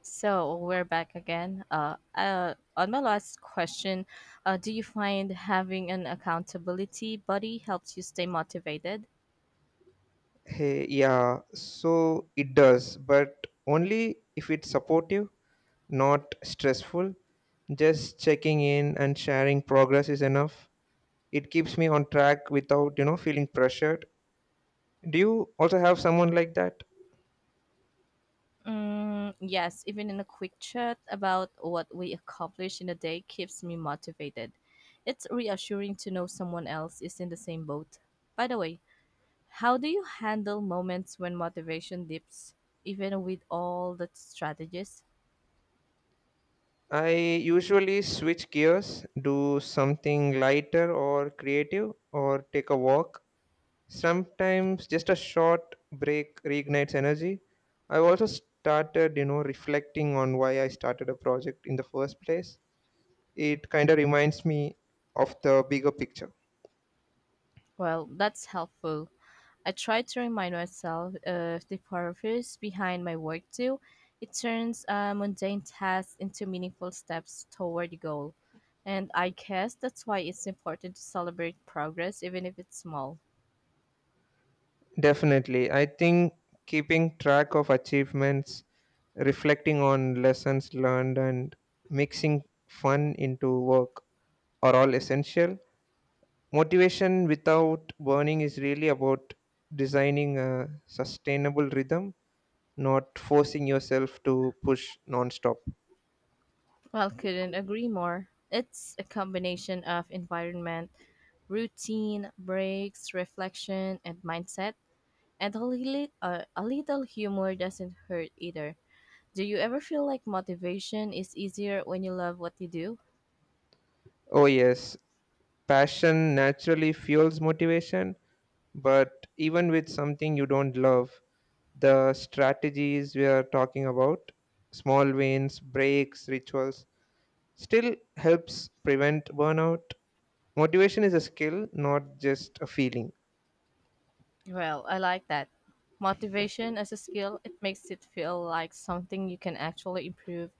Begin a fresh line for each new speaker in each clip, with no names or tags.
So we're back again. On my last question, do you find having an accountability buddy helps you stay motivated?
Hey, yeah, so it does, but only if it's supportive, not stressful. Just checking in and sharing progress is enough. It keeps me on track without feeling pressured. Do you also have someone like that?
Mm, yes, even in a quick chat about what we accomplish in a day keeps me motivated. It's reassuring to know someone else is in the same boat. By the way, how do you handle moments when motivation dips, even with all the strategies?
I usually switch gears, do something lighter or creative, or take a walk. Sometimes just a short break reignites energy. I've also started reflecting on why I started a project in the first place. It kind of reminds me of the bigger picture.
Well, that's helpful. I try to remind myself of the purpose behind my work too. It turns mundane tasks into meaningful steps toward the goal. And I guess that's why it's important to celebrate progress, even if it's small.
Definitely. I think keeping track of achievements, reflecting on lessons learned, and mixing fun into work are all essential. Motivation without burning is really about designing a sustainable rhythm, not forcing yourself to push nonstop.
Well, couldn't agree more. It's a combination of environment, routine, breaks, reflection, and mindset. And a little humor doesn't hurt either. Do you ever feel like motivation is easier when you love what you do?
Oh, yes, passion naturally fuels motivation, but even with something you don't love, the strategies we are talking about, small wins, breaks, rituals, still helps prevent burnout. Motivation is a skill, not just a feeling.
Well, I like that. Motivation as a skill, it makes it feel like something you can actually improve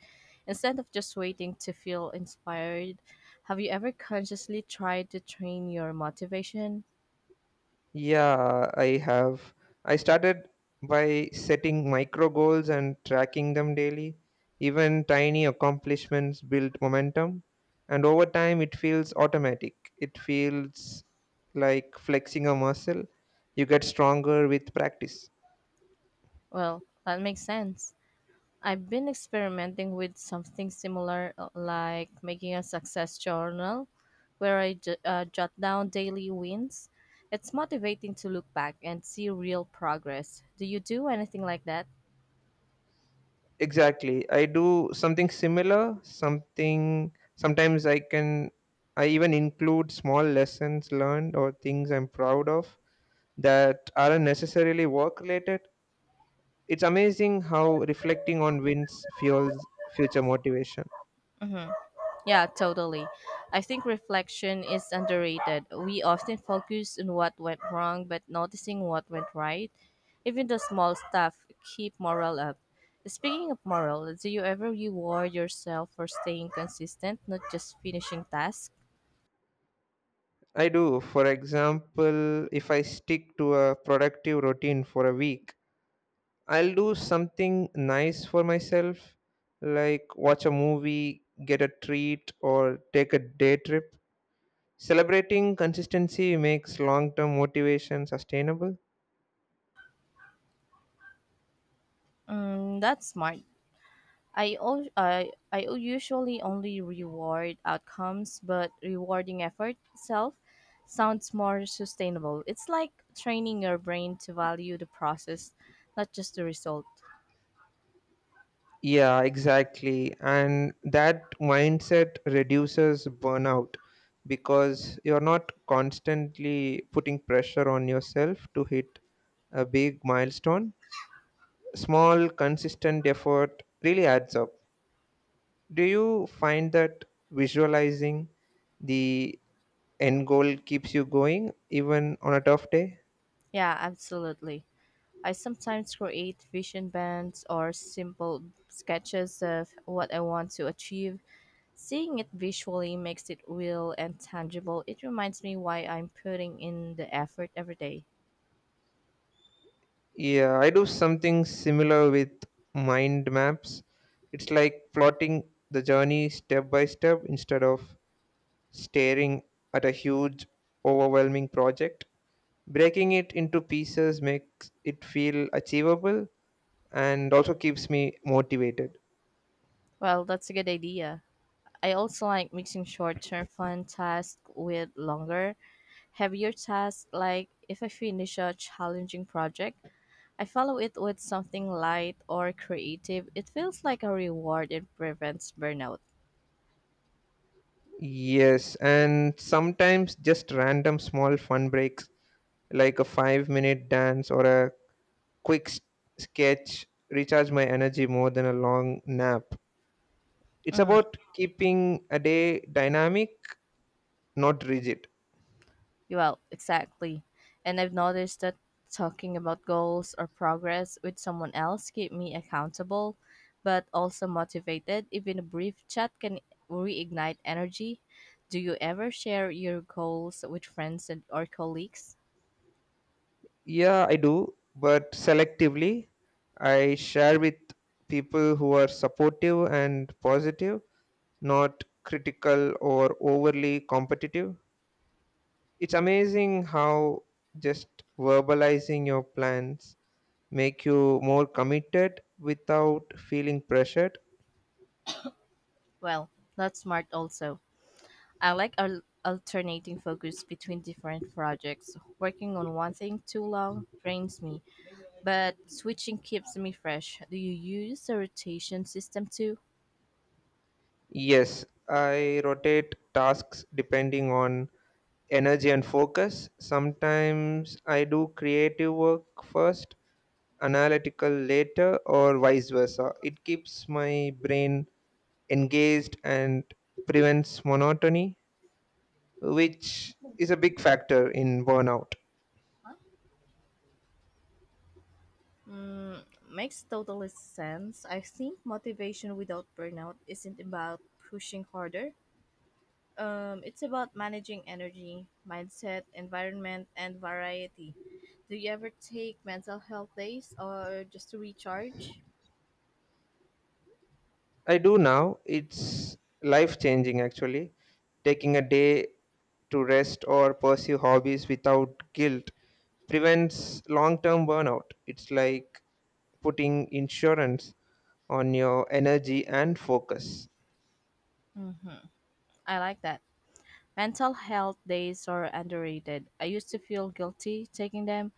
instead of just waiting to feel inspired. Have you ever consciously tried to train your motivation?
Yeah, I have. I started by setting micro goals and tracking them daily. Even tiny accomplishments build momentum, and over time, it feels automatic. It feels like flexing a muscle. You get stronger with practice.
Well, that makes sense. I've been experimenting with something similar, like making a success journal where I jot down daily wins. It's motivating to look back and see real progress. Do you do anything like that?
Exactly. I do something similar, something sometimes I can I even include small lessons learned or things I'm proud of that aren't necessarily work related. It's amazing how reflecting on wins fuels future motivation.
Mhm. Yeah, totally. I think reflection is underrated. We often focus on what went wrong, but noticing what went right, even the small stuff, keep morale up. Speaking of morale, do you ever reward yourself for staying consistent, not just finishing tasks?
I do. For example, if I stick to a productive routine for a week, I'll do something nice for myself, like watch a movie, get a treat, or take a day trip. Celebrating consistency makes long term motivation sustainable.
Mm, that's smart. I usually only reward outcomes, but rewarding effort itself sounds more sustainable. It's like training your brain to value the process, not just the result.
Yeah, exactly. And that mindset reduces burnout because you're not constantly putting pressure on yourself to hit a big milestone. Small, consistent effort really adds up. Do you find that visualizing the end goal keeps you going even on a tough day?
Yeah, absolutely. I sometimes create vision bands or simple sketches of what I want to achieve. Seeing it visually makes it real and tangible. It reminds me why I'm putting in the effort every day.
Yeah, I do something similar with mind maps. It's like plotting the journey step by step instead of staring at a huge, overwhelming project. Breaking it into pieces makes it feel achievable and also keeps me motivated.
Well, that's a good idea. I also like mixing short term fun tasks with longer, heavier tasks. Like if I finish a challenging project, I follow it with something light or creative. It feels like a reward and prevents burnout.
Yes, and sometimes just random small fun breaks like a 5 minute dance or a quick s- sketch recharge my energy more than a long nap. It's
Mm.
about keeping a day dynamic, not rigid.
Well, exactly. And I've noticed that talking about goals or progress with someone else keep me accountable but also motivated. Even a brief chat can reignite energy. Do you ever share your goals with friends and or colleagues?
Yeah, I do, but selectively. I share with people who are supportive and positive, not critical or overly competitive. It's amazing how just verbalizing your plans make you more committed without feeling pressured.
Well, that's smart also. I like alternating focus between different projects. Working on one thing too long drains me, but switching keeps me fresh. Do you use a rotation system too?
Yes, I rotate tasks depending on energy and focus. Sometimes I do creative work first, analytical later, or vice versa. It keeps my brain engaged and prevents monotony, which is a big factor in burnout.
Mm, makes total sense. I think motivation without burnout isn't about pushing harder. It's about managing energy, mindset, environment, and variety. Do you ever take mental health days or just to recharge?
I do now. It's life changing actually. Taking a day to rest or pursue hobbies without guilt prevents long term burnout. It's like putting insurance on your energy and focus.
Mm-hmm. I like that. Mental health days are underrated. I used to feel guilty taking them,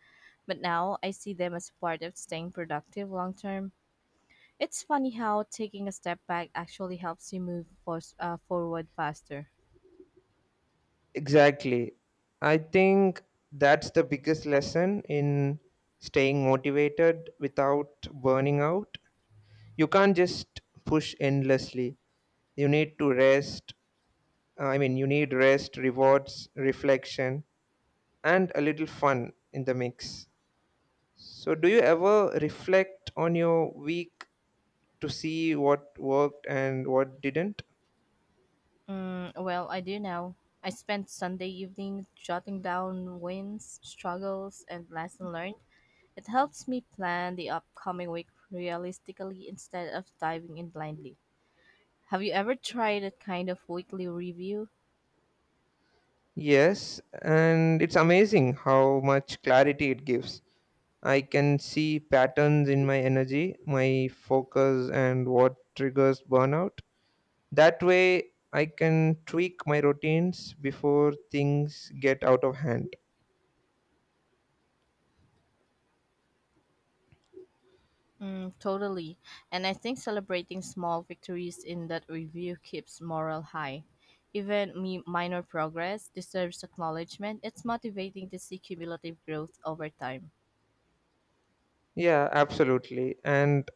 but now I see them as part of staying productive long term. It's funny how taking a step back actually helps you move forward faster.
Exactly. I think that's the biggest lesson in staying motivated without burning out. You can't just push endlessly. You need to rest, you need rest, rewards, reflection, and a little fun in the mix. So, do you ever reflect on your week to see what worked and what didn't?
Mm, well, I do now. I spent Sunday evening jotting down wins, struggles, and lessons learned. It helps me plan the upcoming week realistically instead of diving in blindly. Have you ever tried a kind of weekly review?
Yes, and it's amazing how much clarity it gives. I can see patterns in my energy, my focus, and what triggers burnout. That way, I can tweak my routines before things get out of hand.
Mm, totally. And I think celebrating small victories in that review keeps morale high. Even me, minor progress deserves acknowledgement. It's motivating to see cumulative growth over time.
Yeah, absolutely. And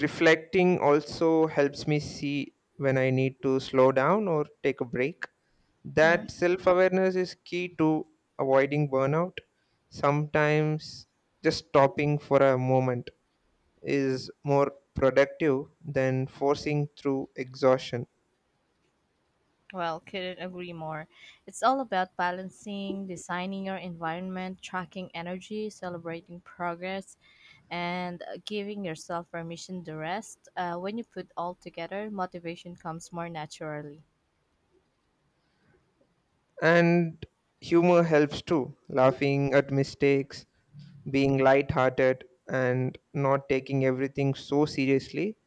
reflecting also helps me see when I need to slow down or take a break.
Mhm.
That self awareness is key to avoiding burnout. Sometimes just stopping for a moment is more productive than forcing through exhaustion.
Well, couldn't agree more. It's all about balancing, designing your environment, tracking energy, celebrating progress, and giving yourself permission to rest. When you put all together, motivation comes more naturally.
And humor helps too. Laughing at mistakes, being lighthearted, and not taking everything so seriously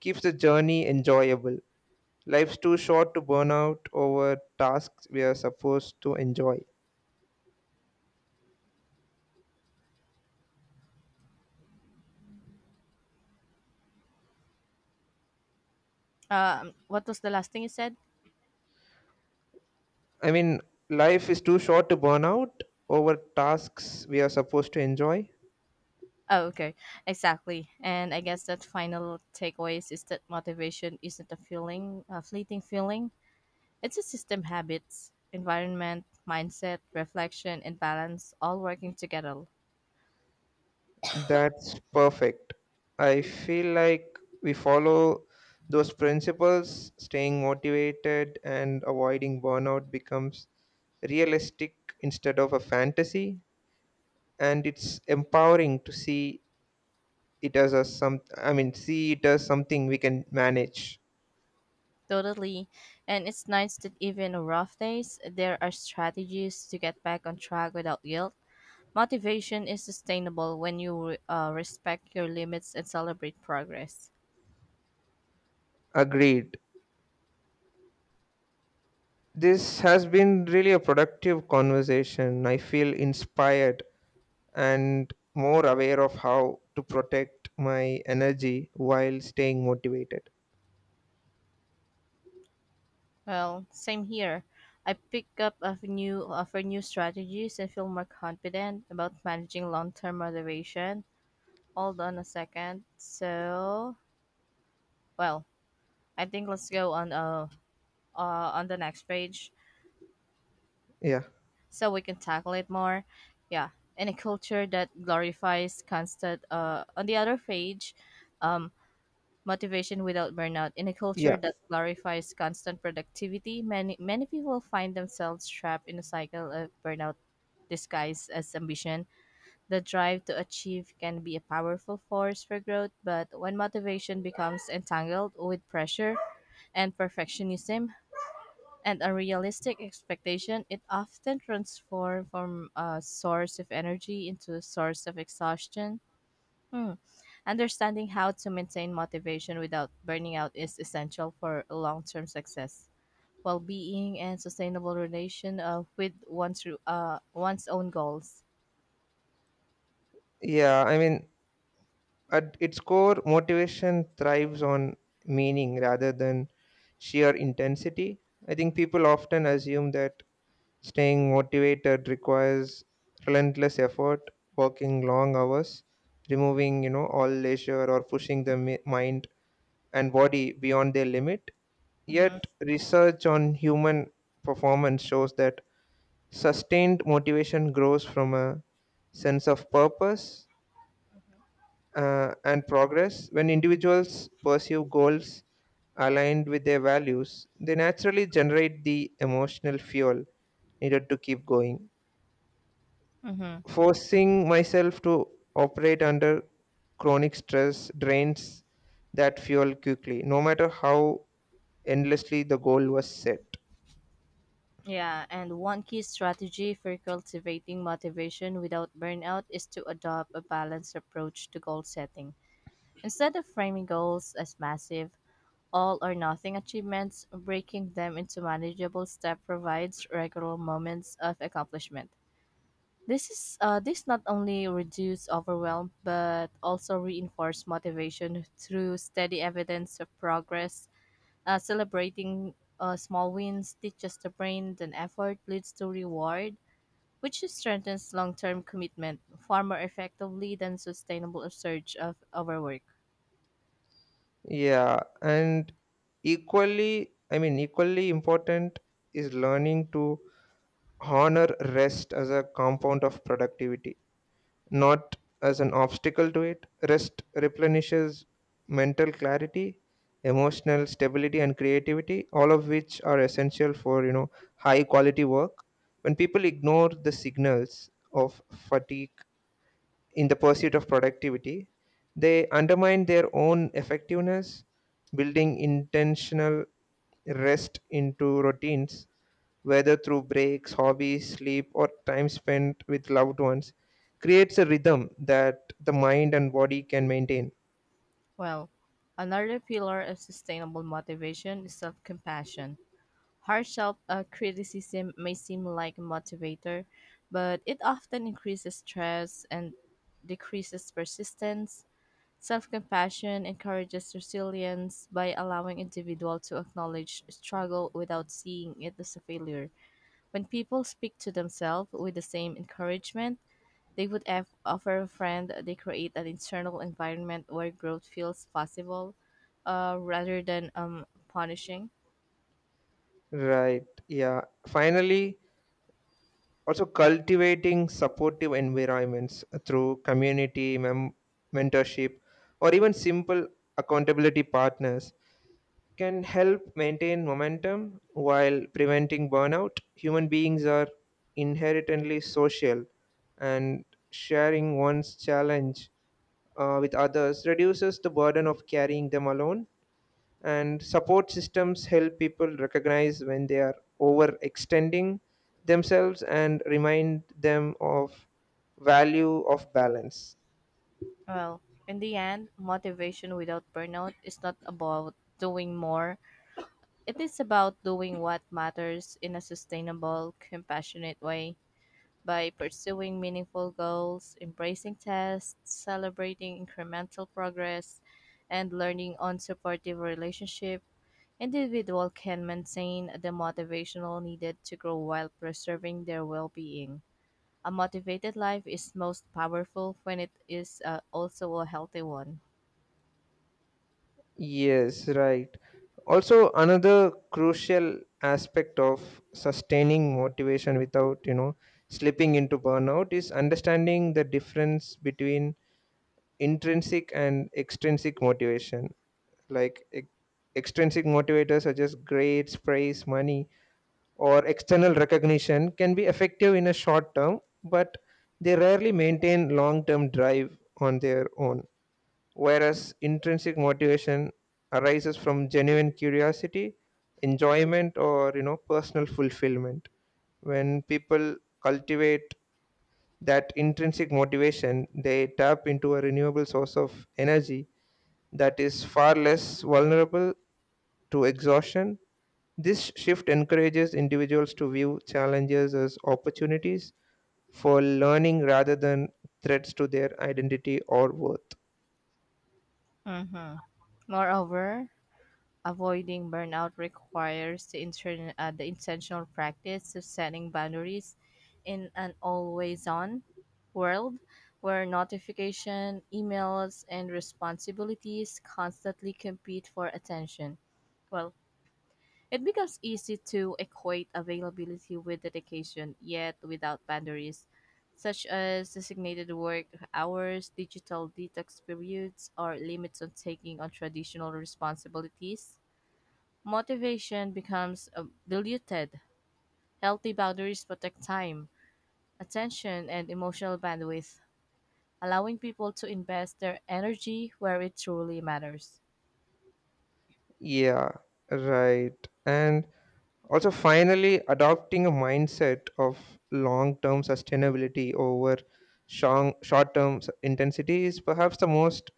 keeps the journey enjoyable. Life's too short to burn out over tasks we are supposed to enjoy.
What was the last thing you said?
I mean, life is too short to burn out over tasks we are supposed to enjoy.
Oh, okay. Exactly. And I guess that final takeaways is that motivation isn't a feeling, a fleeting feeling. It's a system habits, environment, mindset, reflection, and balance all working together.
That's perfect. I feel like we follow those principles, staying motivated and avoiding burnout becomes realistic instead of a fantasy. And it's empowering to see it as something we can manage.
Totally. And it's nice that even on rough days, there are strategies to get back on track without guilt. Motivation is sustainable when you respect your limits and celebrate progress.
Agreed. This has been really a productive conversation. I feel inspired and more aware of how to protect my energy while staying motivated.
Well, same here. I pick up a new of new strategies and feel more confident about managing long-term motivation. Hold on a second. So, well, I think let's go on the next page
yeah
so we can tackle it more. Yeah, in a culture that glorifies constant on the other page, um motivation without burnout. In a
yeah
culture that glorifies constant productivity, many people find themselves trapped in a cycle of burnout disguised as ambition. The drive to achieve can be a powerful force for growth, but when motivation becomes entangled with pressure and perfectionism and unrealistic expectation, it often transforms from a source of energy into a source of exhaustion. Hmm. Understanding how to maintain motivation without burning out is essential for long term success, well being, and sustainable relation with one's own goals.
yeah i mean At its core, motivation thrives on meaning rather than sheer intensity. I think people often assume that staying motivated requires relentless effort, working long hours, removing all leisure, or pushing the mind and body beyond their limit.
Mm-hmm.
Yet, research on human performance shows that sustained motivation grows from a sense of purpose and progress. When individuals pursue goals aligned with their values, they naturally generate the emotional fuel needed to keep going.
Mm-hmm.
Forcing myself to operate under chronic stress drains that fuel quickly, no matter how endlessly the goal was set.
Yeah, and one key strategy for cultivating motivation without burnout is to adopt a balanced approach to goal setting. Instead of framing goals as massive, all or nothing achievements, breaking them into manageable steps provides regular moments of accomplishment. This not only reduce overwhelm but also reinforce motivation through steady evidence of progress. Celebrating small wins teaches the brain that effort leads to reward, which strengthens long-term commitment far more effectively than sustainable surge of overwork.
Yeah, and equally important is learning to honor rest as a compound of productivity, not as an obstacle to it. Rest replenishes mental clarity, emotional stability, and creativity, all of which are essential for high quality work. When people ignore the signals of fatigue in the pursuit of productivity, they undermine their own effectiveness, building intentional rest into routines, whether through breaks, hobbies, sleep, or time spent with loved ones, creates a rhythm that the mind and body can maintain.
Well, another pillar of sustainable motivation is self-compassion. Harsh self criticism may seem like a motivator, but it often increases stress and decreases persistence. Self compassion encourages resilience by allowing individual to acknowledge struggle without seeing it as a failure. When people speak to themselves with the same encouragement they would have offer a friend, they create an internal environment where growth feels possible rather than punishing.
Right. Yeah. Finally, also cultivating supportive environments through community, mentorship, or even simple accountability partners can help maintain momentum while preventing burnout. Human beings are inherently social, and sharing one's challenge with others reduces the burden of carrying them alone, and support systems help people recognize when they are overextending themselves and remind them of value of balance.
Well, in the end, motivation without burnout is not about doing more. It is about doing what matters in a sustainable, compassionate way by pursuing meaningful goals, embracing tasks, celebrating incremental progress, and learning on supportive relationship. Individual can maintain the motivational needed to grow while preserving their well-being. A motivated life is most powerful when it is also a healthy one.
Yes, right. Also, another crucial aspect of sustaining motivation without slipping into burnout is understanding the difference between intrinsic and extrinsic motivation. Like extrinsic motivators such as grades, praise, money, or external recognition can be effective in a short term, but they rarely maintain long term drive on their own. Whereas intrinsic motivation arises from genuine curiosity, enjoyment, or personal fulfillment. When people cultivate that intrinsic motivation, they tap into a renewable source of energy that is far less vulnerable to exhaustion. This shift encourages individuals to view challenges as opportunities for learning rather than threats to their identity or worth.
Mm-hmm. Moreover, avoiding burnout requires the intentional practice of setting boundaries in an always on world where notification, emails, and responsibilities constantly compete for attention. Well, it becomes easy to equate availability with dedication, yet without boundaries, such as designated work hours, digital detox periods, or limits on taking on traditional responsibilities. Motivation becomes diluted. Healthy boundaries protect time, attention, and emotional bandwidth, allowing people to invest their energy where it truly matters.
Yeah, right. And also, finally, adopting a mindset of long term sustainability over short term intensity is perhaps the most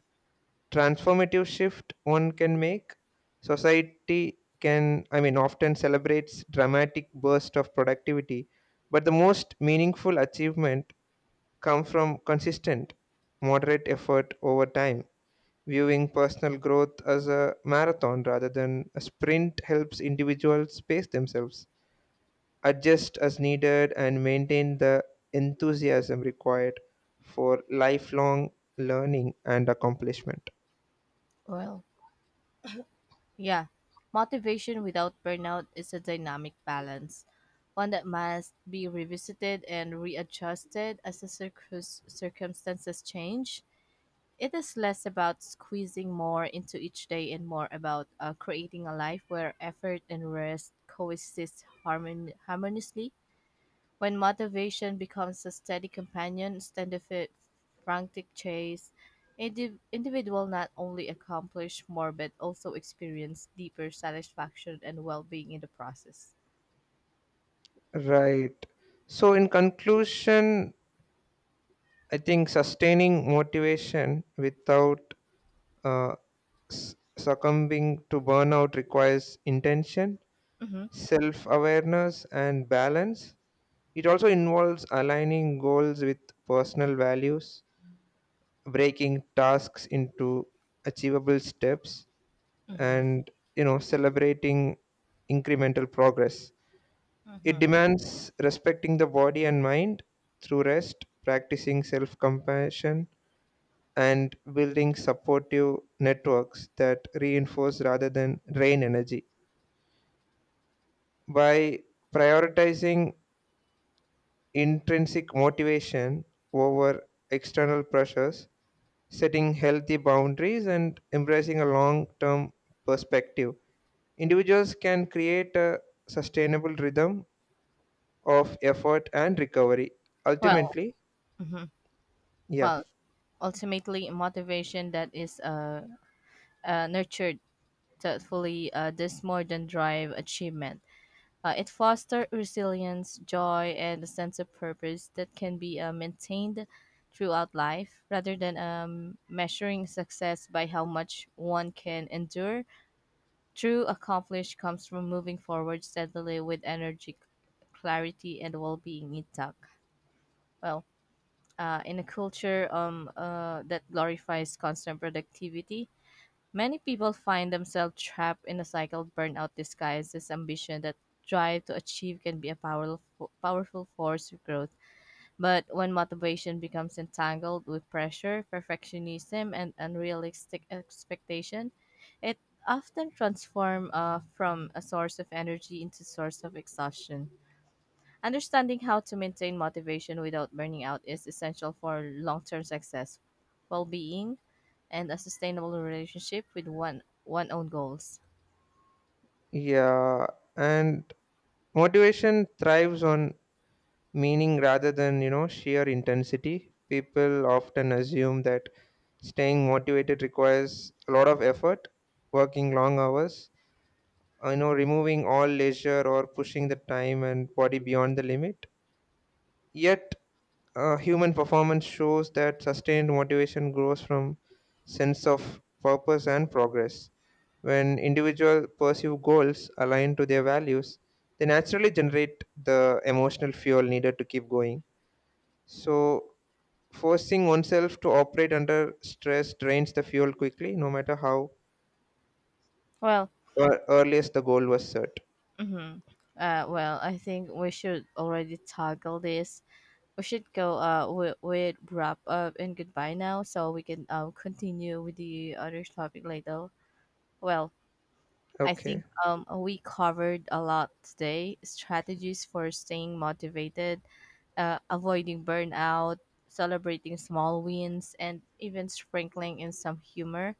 transformative shift one can make. Society can i mean often celebrates dramatic burst of productivity, but the most meaningful achievement come from consistent moderate effort over time. Viewing personal growth as a marathon rather than a sprint helps individuals pace themselves, adjust as needed, and maintain the enthusiasm required for lifelong learning and accomplishment.
Well, yeah, motivation without burnout is a dynamic balance, one that must be revisited and readjusted as the circumstances change. It is less about squeezing more into each day and more about creating a life where effort and rest coexist harmoniously. When motivation becomes a steady companion instead of a frantic chase, individual not only accomplish more but also experience deeper satisfaction and well-being in the process.
Right. So, in conclusion, I think sustaining motivation without uh, succumbing to burnout requires intention,
Hmm.
self awareness, and balance. It also involves aligning goals with personal values, breaking tasks into achievable steps,
Hmm.
and celebrating incremental progress. It
Hmm.
demands respecting the body and mind through rest, practicing self compassion, and building supportive networks that reinforce rather than drain energy. By prioritizing intrinsic motivation over external pressures, setting healthy boundaries, and embracing a long term perspective, individuals can create a sustainable rhythm of effort and recovery.
Well,
Ultimately,
hmm,
yeah.
well, ultimately, motivation that is nurtured thoughtfully does more than drive achievement. It fosters resilience, joy, and a sense of purpose that can be maintained throughout life rather than measuring success by how much one can endure. True accomplish comes from moving forward steadily with energy, clarity, and well being intact. Well, in a culture that glorifies constant productivity, many people find themselves trapped in a cycle of burnout disguised as ambition that drive to achieve can be a powerful force of growth. But when motivation becomes entangled with pressure, perfectionism, and unrealistic expectation, it often transforms from a source of energy into source of exhaustion. Understanding how to maintain motivation without burning out is essential for long-term success, well-being, and a sustainable relationship with one one own goals.
Yeah, and motivation thrives on meaning rather than sheer intensity. People often assume that staying motivated requires a lot of effort, working long hours, removing all leisure or pushing the time and body beyond the limit. Yet, human performance shows that sustained motivation grows from sense of purpose and progress. When individuals pursue goals aligned to their values, they naturally generate the emotional fuel needed to keep going. So, forcing oneself to operate under stress drains the fuel quickly, no matter how
Well,
earliest the goal was set.
hmm, well, I think we should already tackle this. We should go with wrap up and goodbye now, so we can continue with the other topic later. Well, I think
Okay.
we covered a lot today. Strategies for staying motivated, avoiding burnout, celebrating small wins, and even sprinkling in some humor.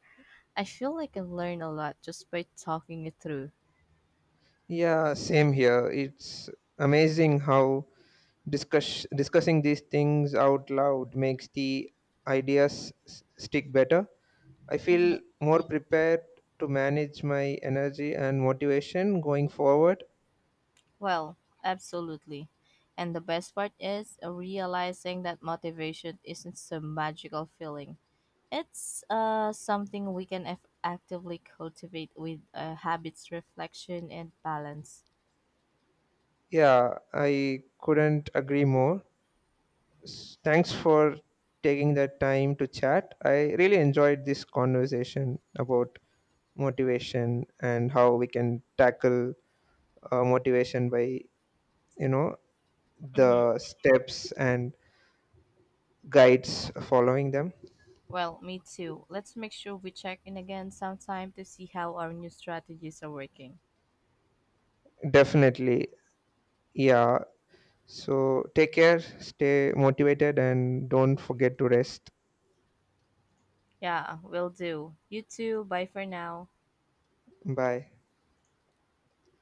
I feel like I've learned a lot just by talking it through.
Yeah, same here. It's amazing how discussing these things out loud makes the ideas stick better. I feel
Mhm.
more prepared to manage my energy and motivation going forward.
Well, absolutely. And the best part is realizing that motivation isn't some magical feeling. It's something we can actively cultivate with habits, reflection, and balance.
Yeah, I couldn't agree more. Thanks for taking the time to chat. I really enjoyed this conversation about motivation and how we can tackle motivation by, you know,
Mhm.
the steps and guides following them.
Well, me too. Let's make sure we check in again sometime to see how our new strategies are working.
Definitely. Yeah. So take care, stay motivated, and don't forget to rest.
Yeah, will do. You too. Bye for now.
Bye.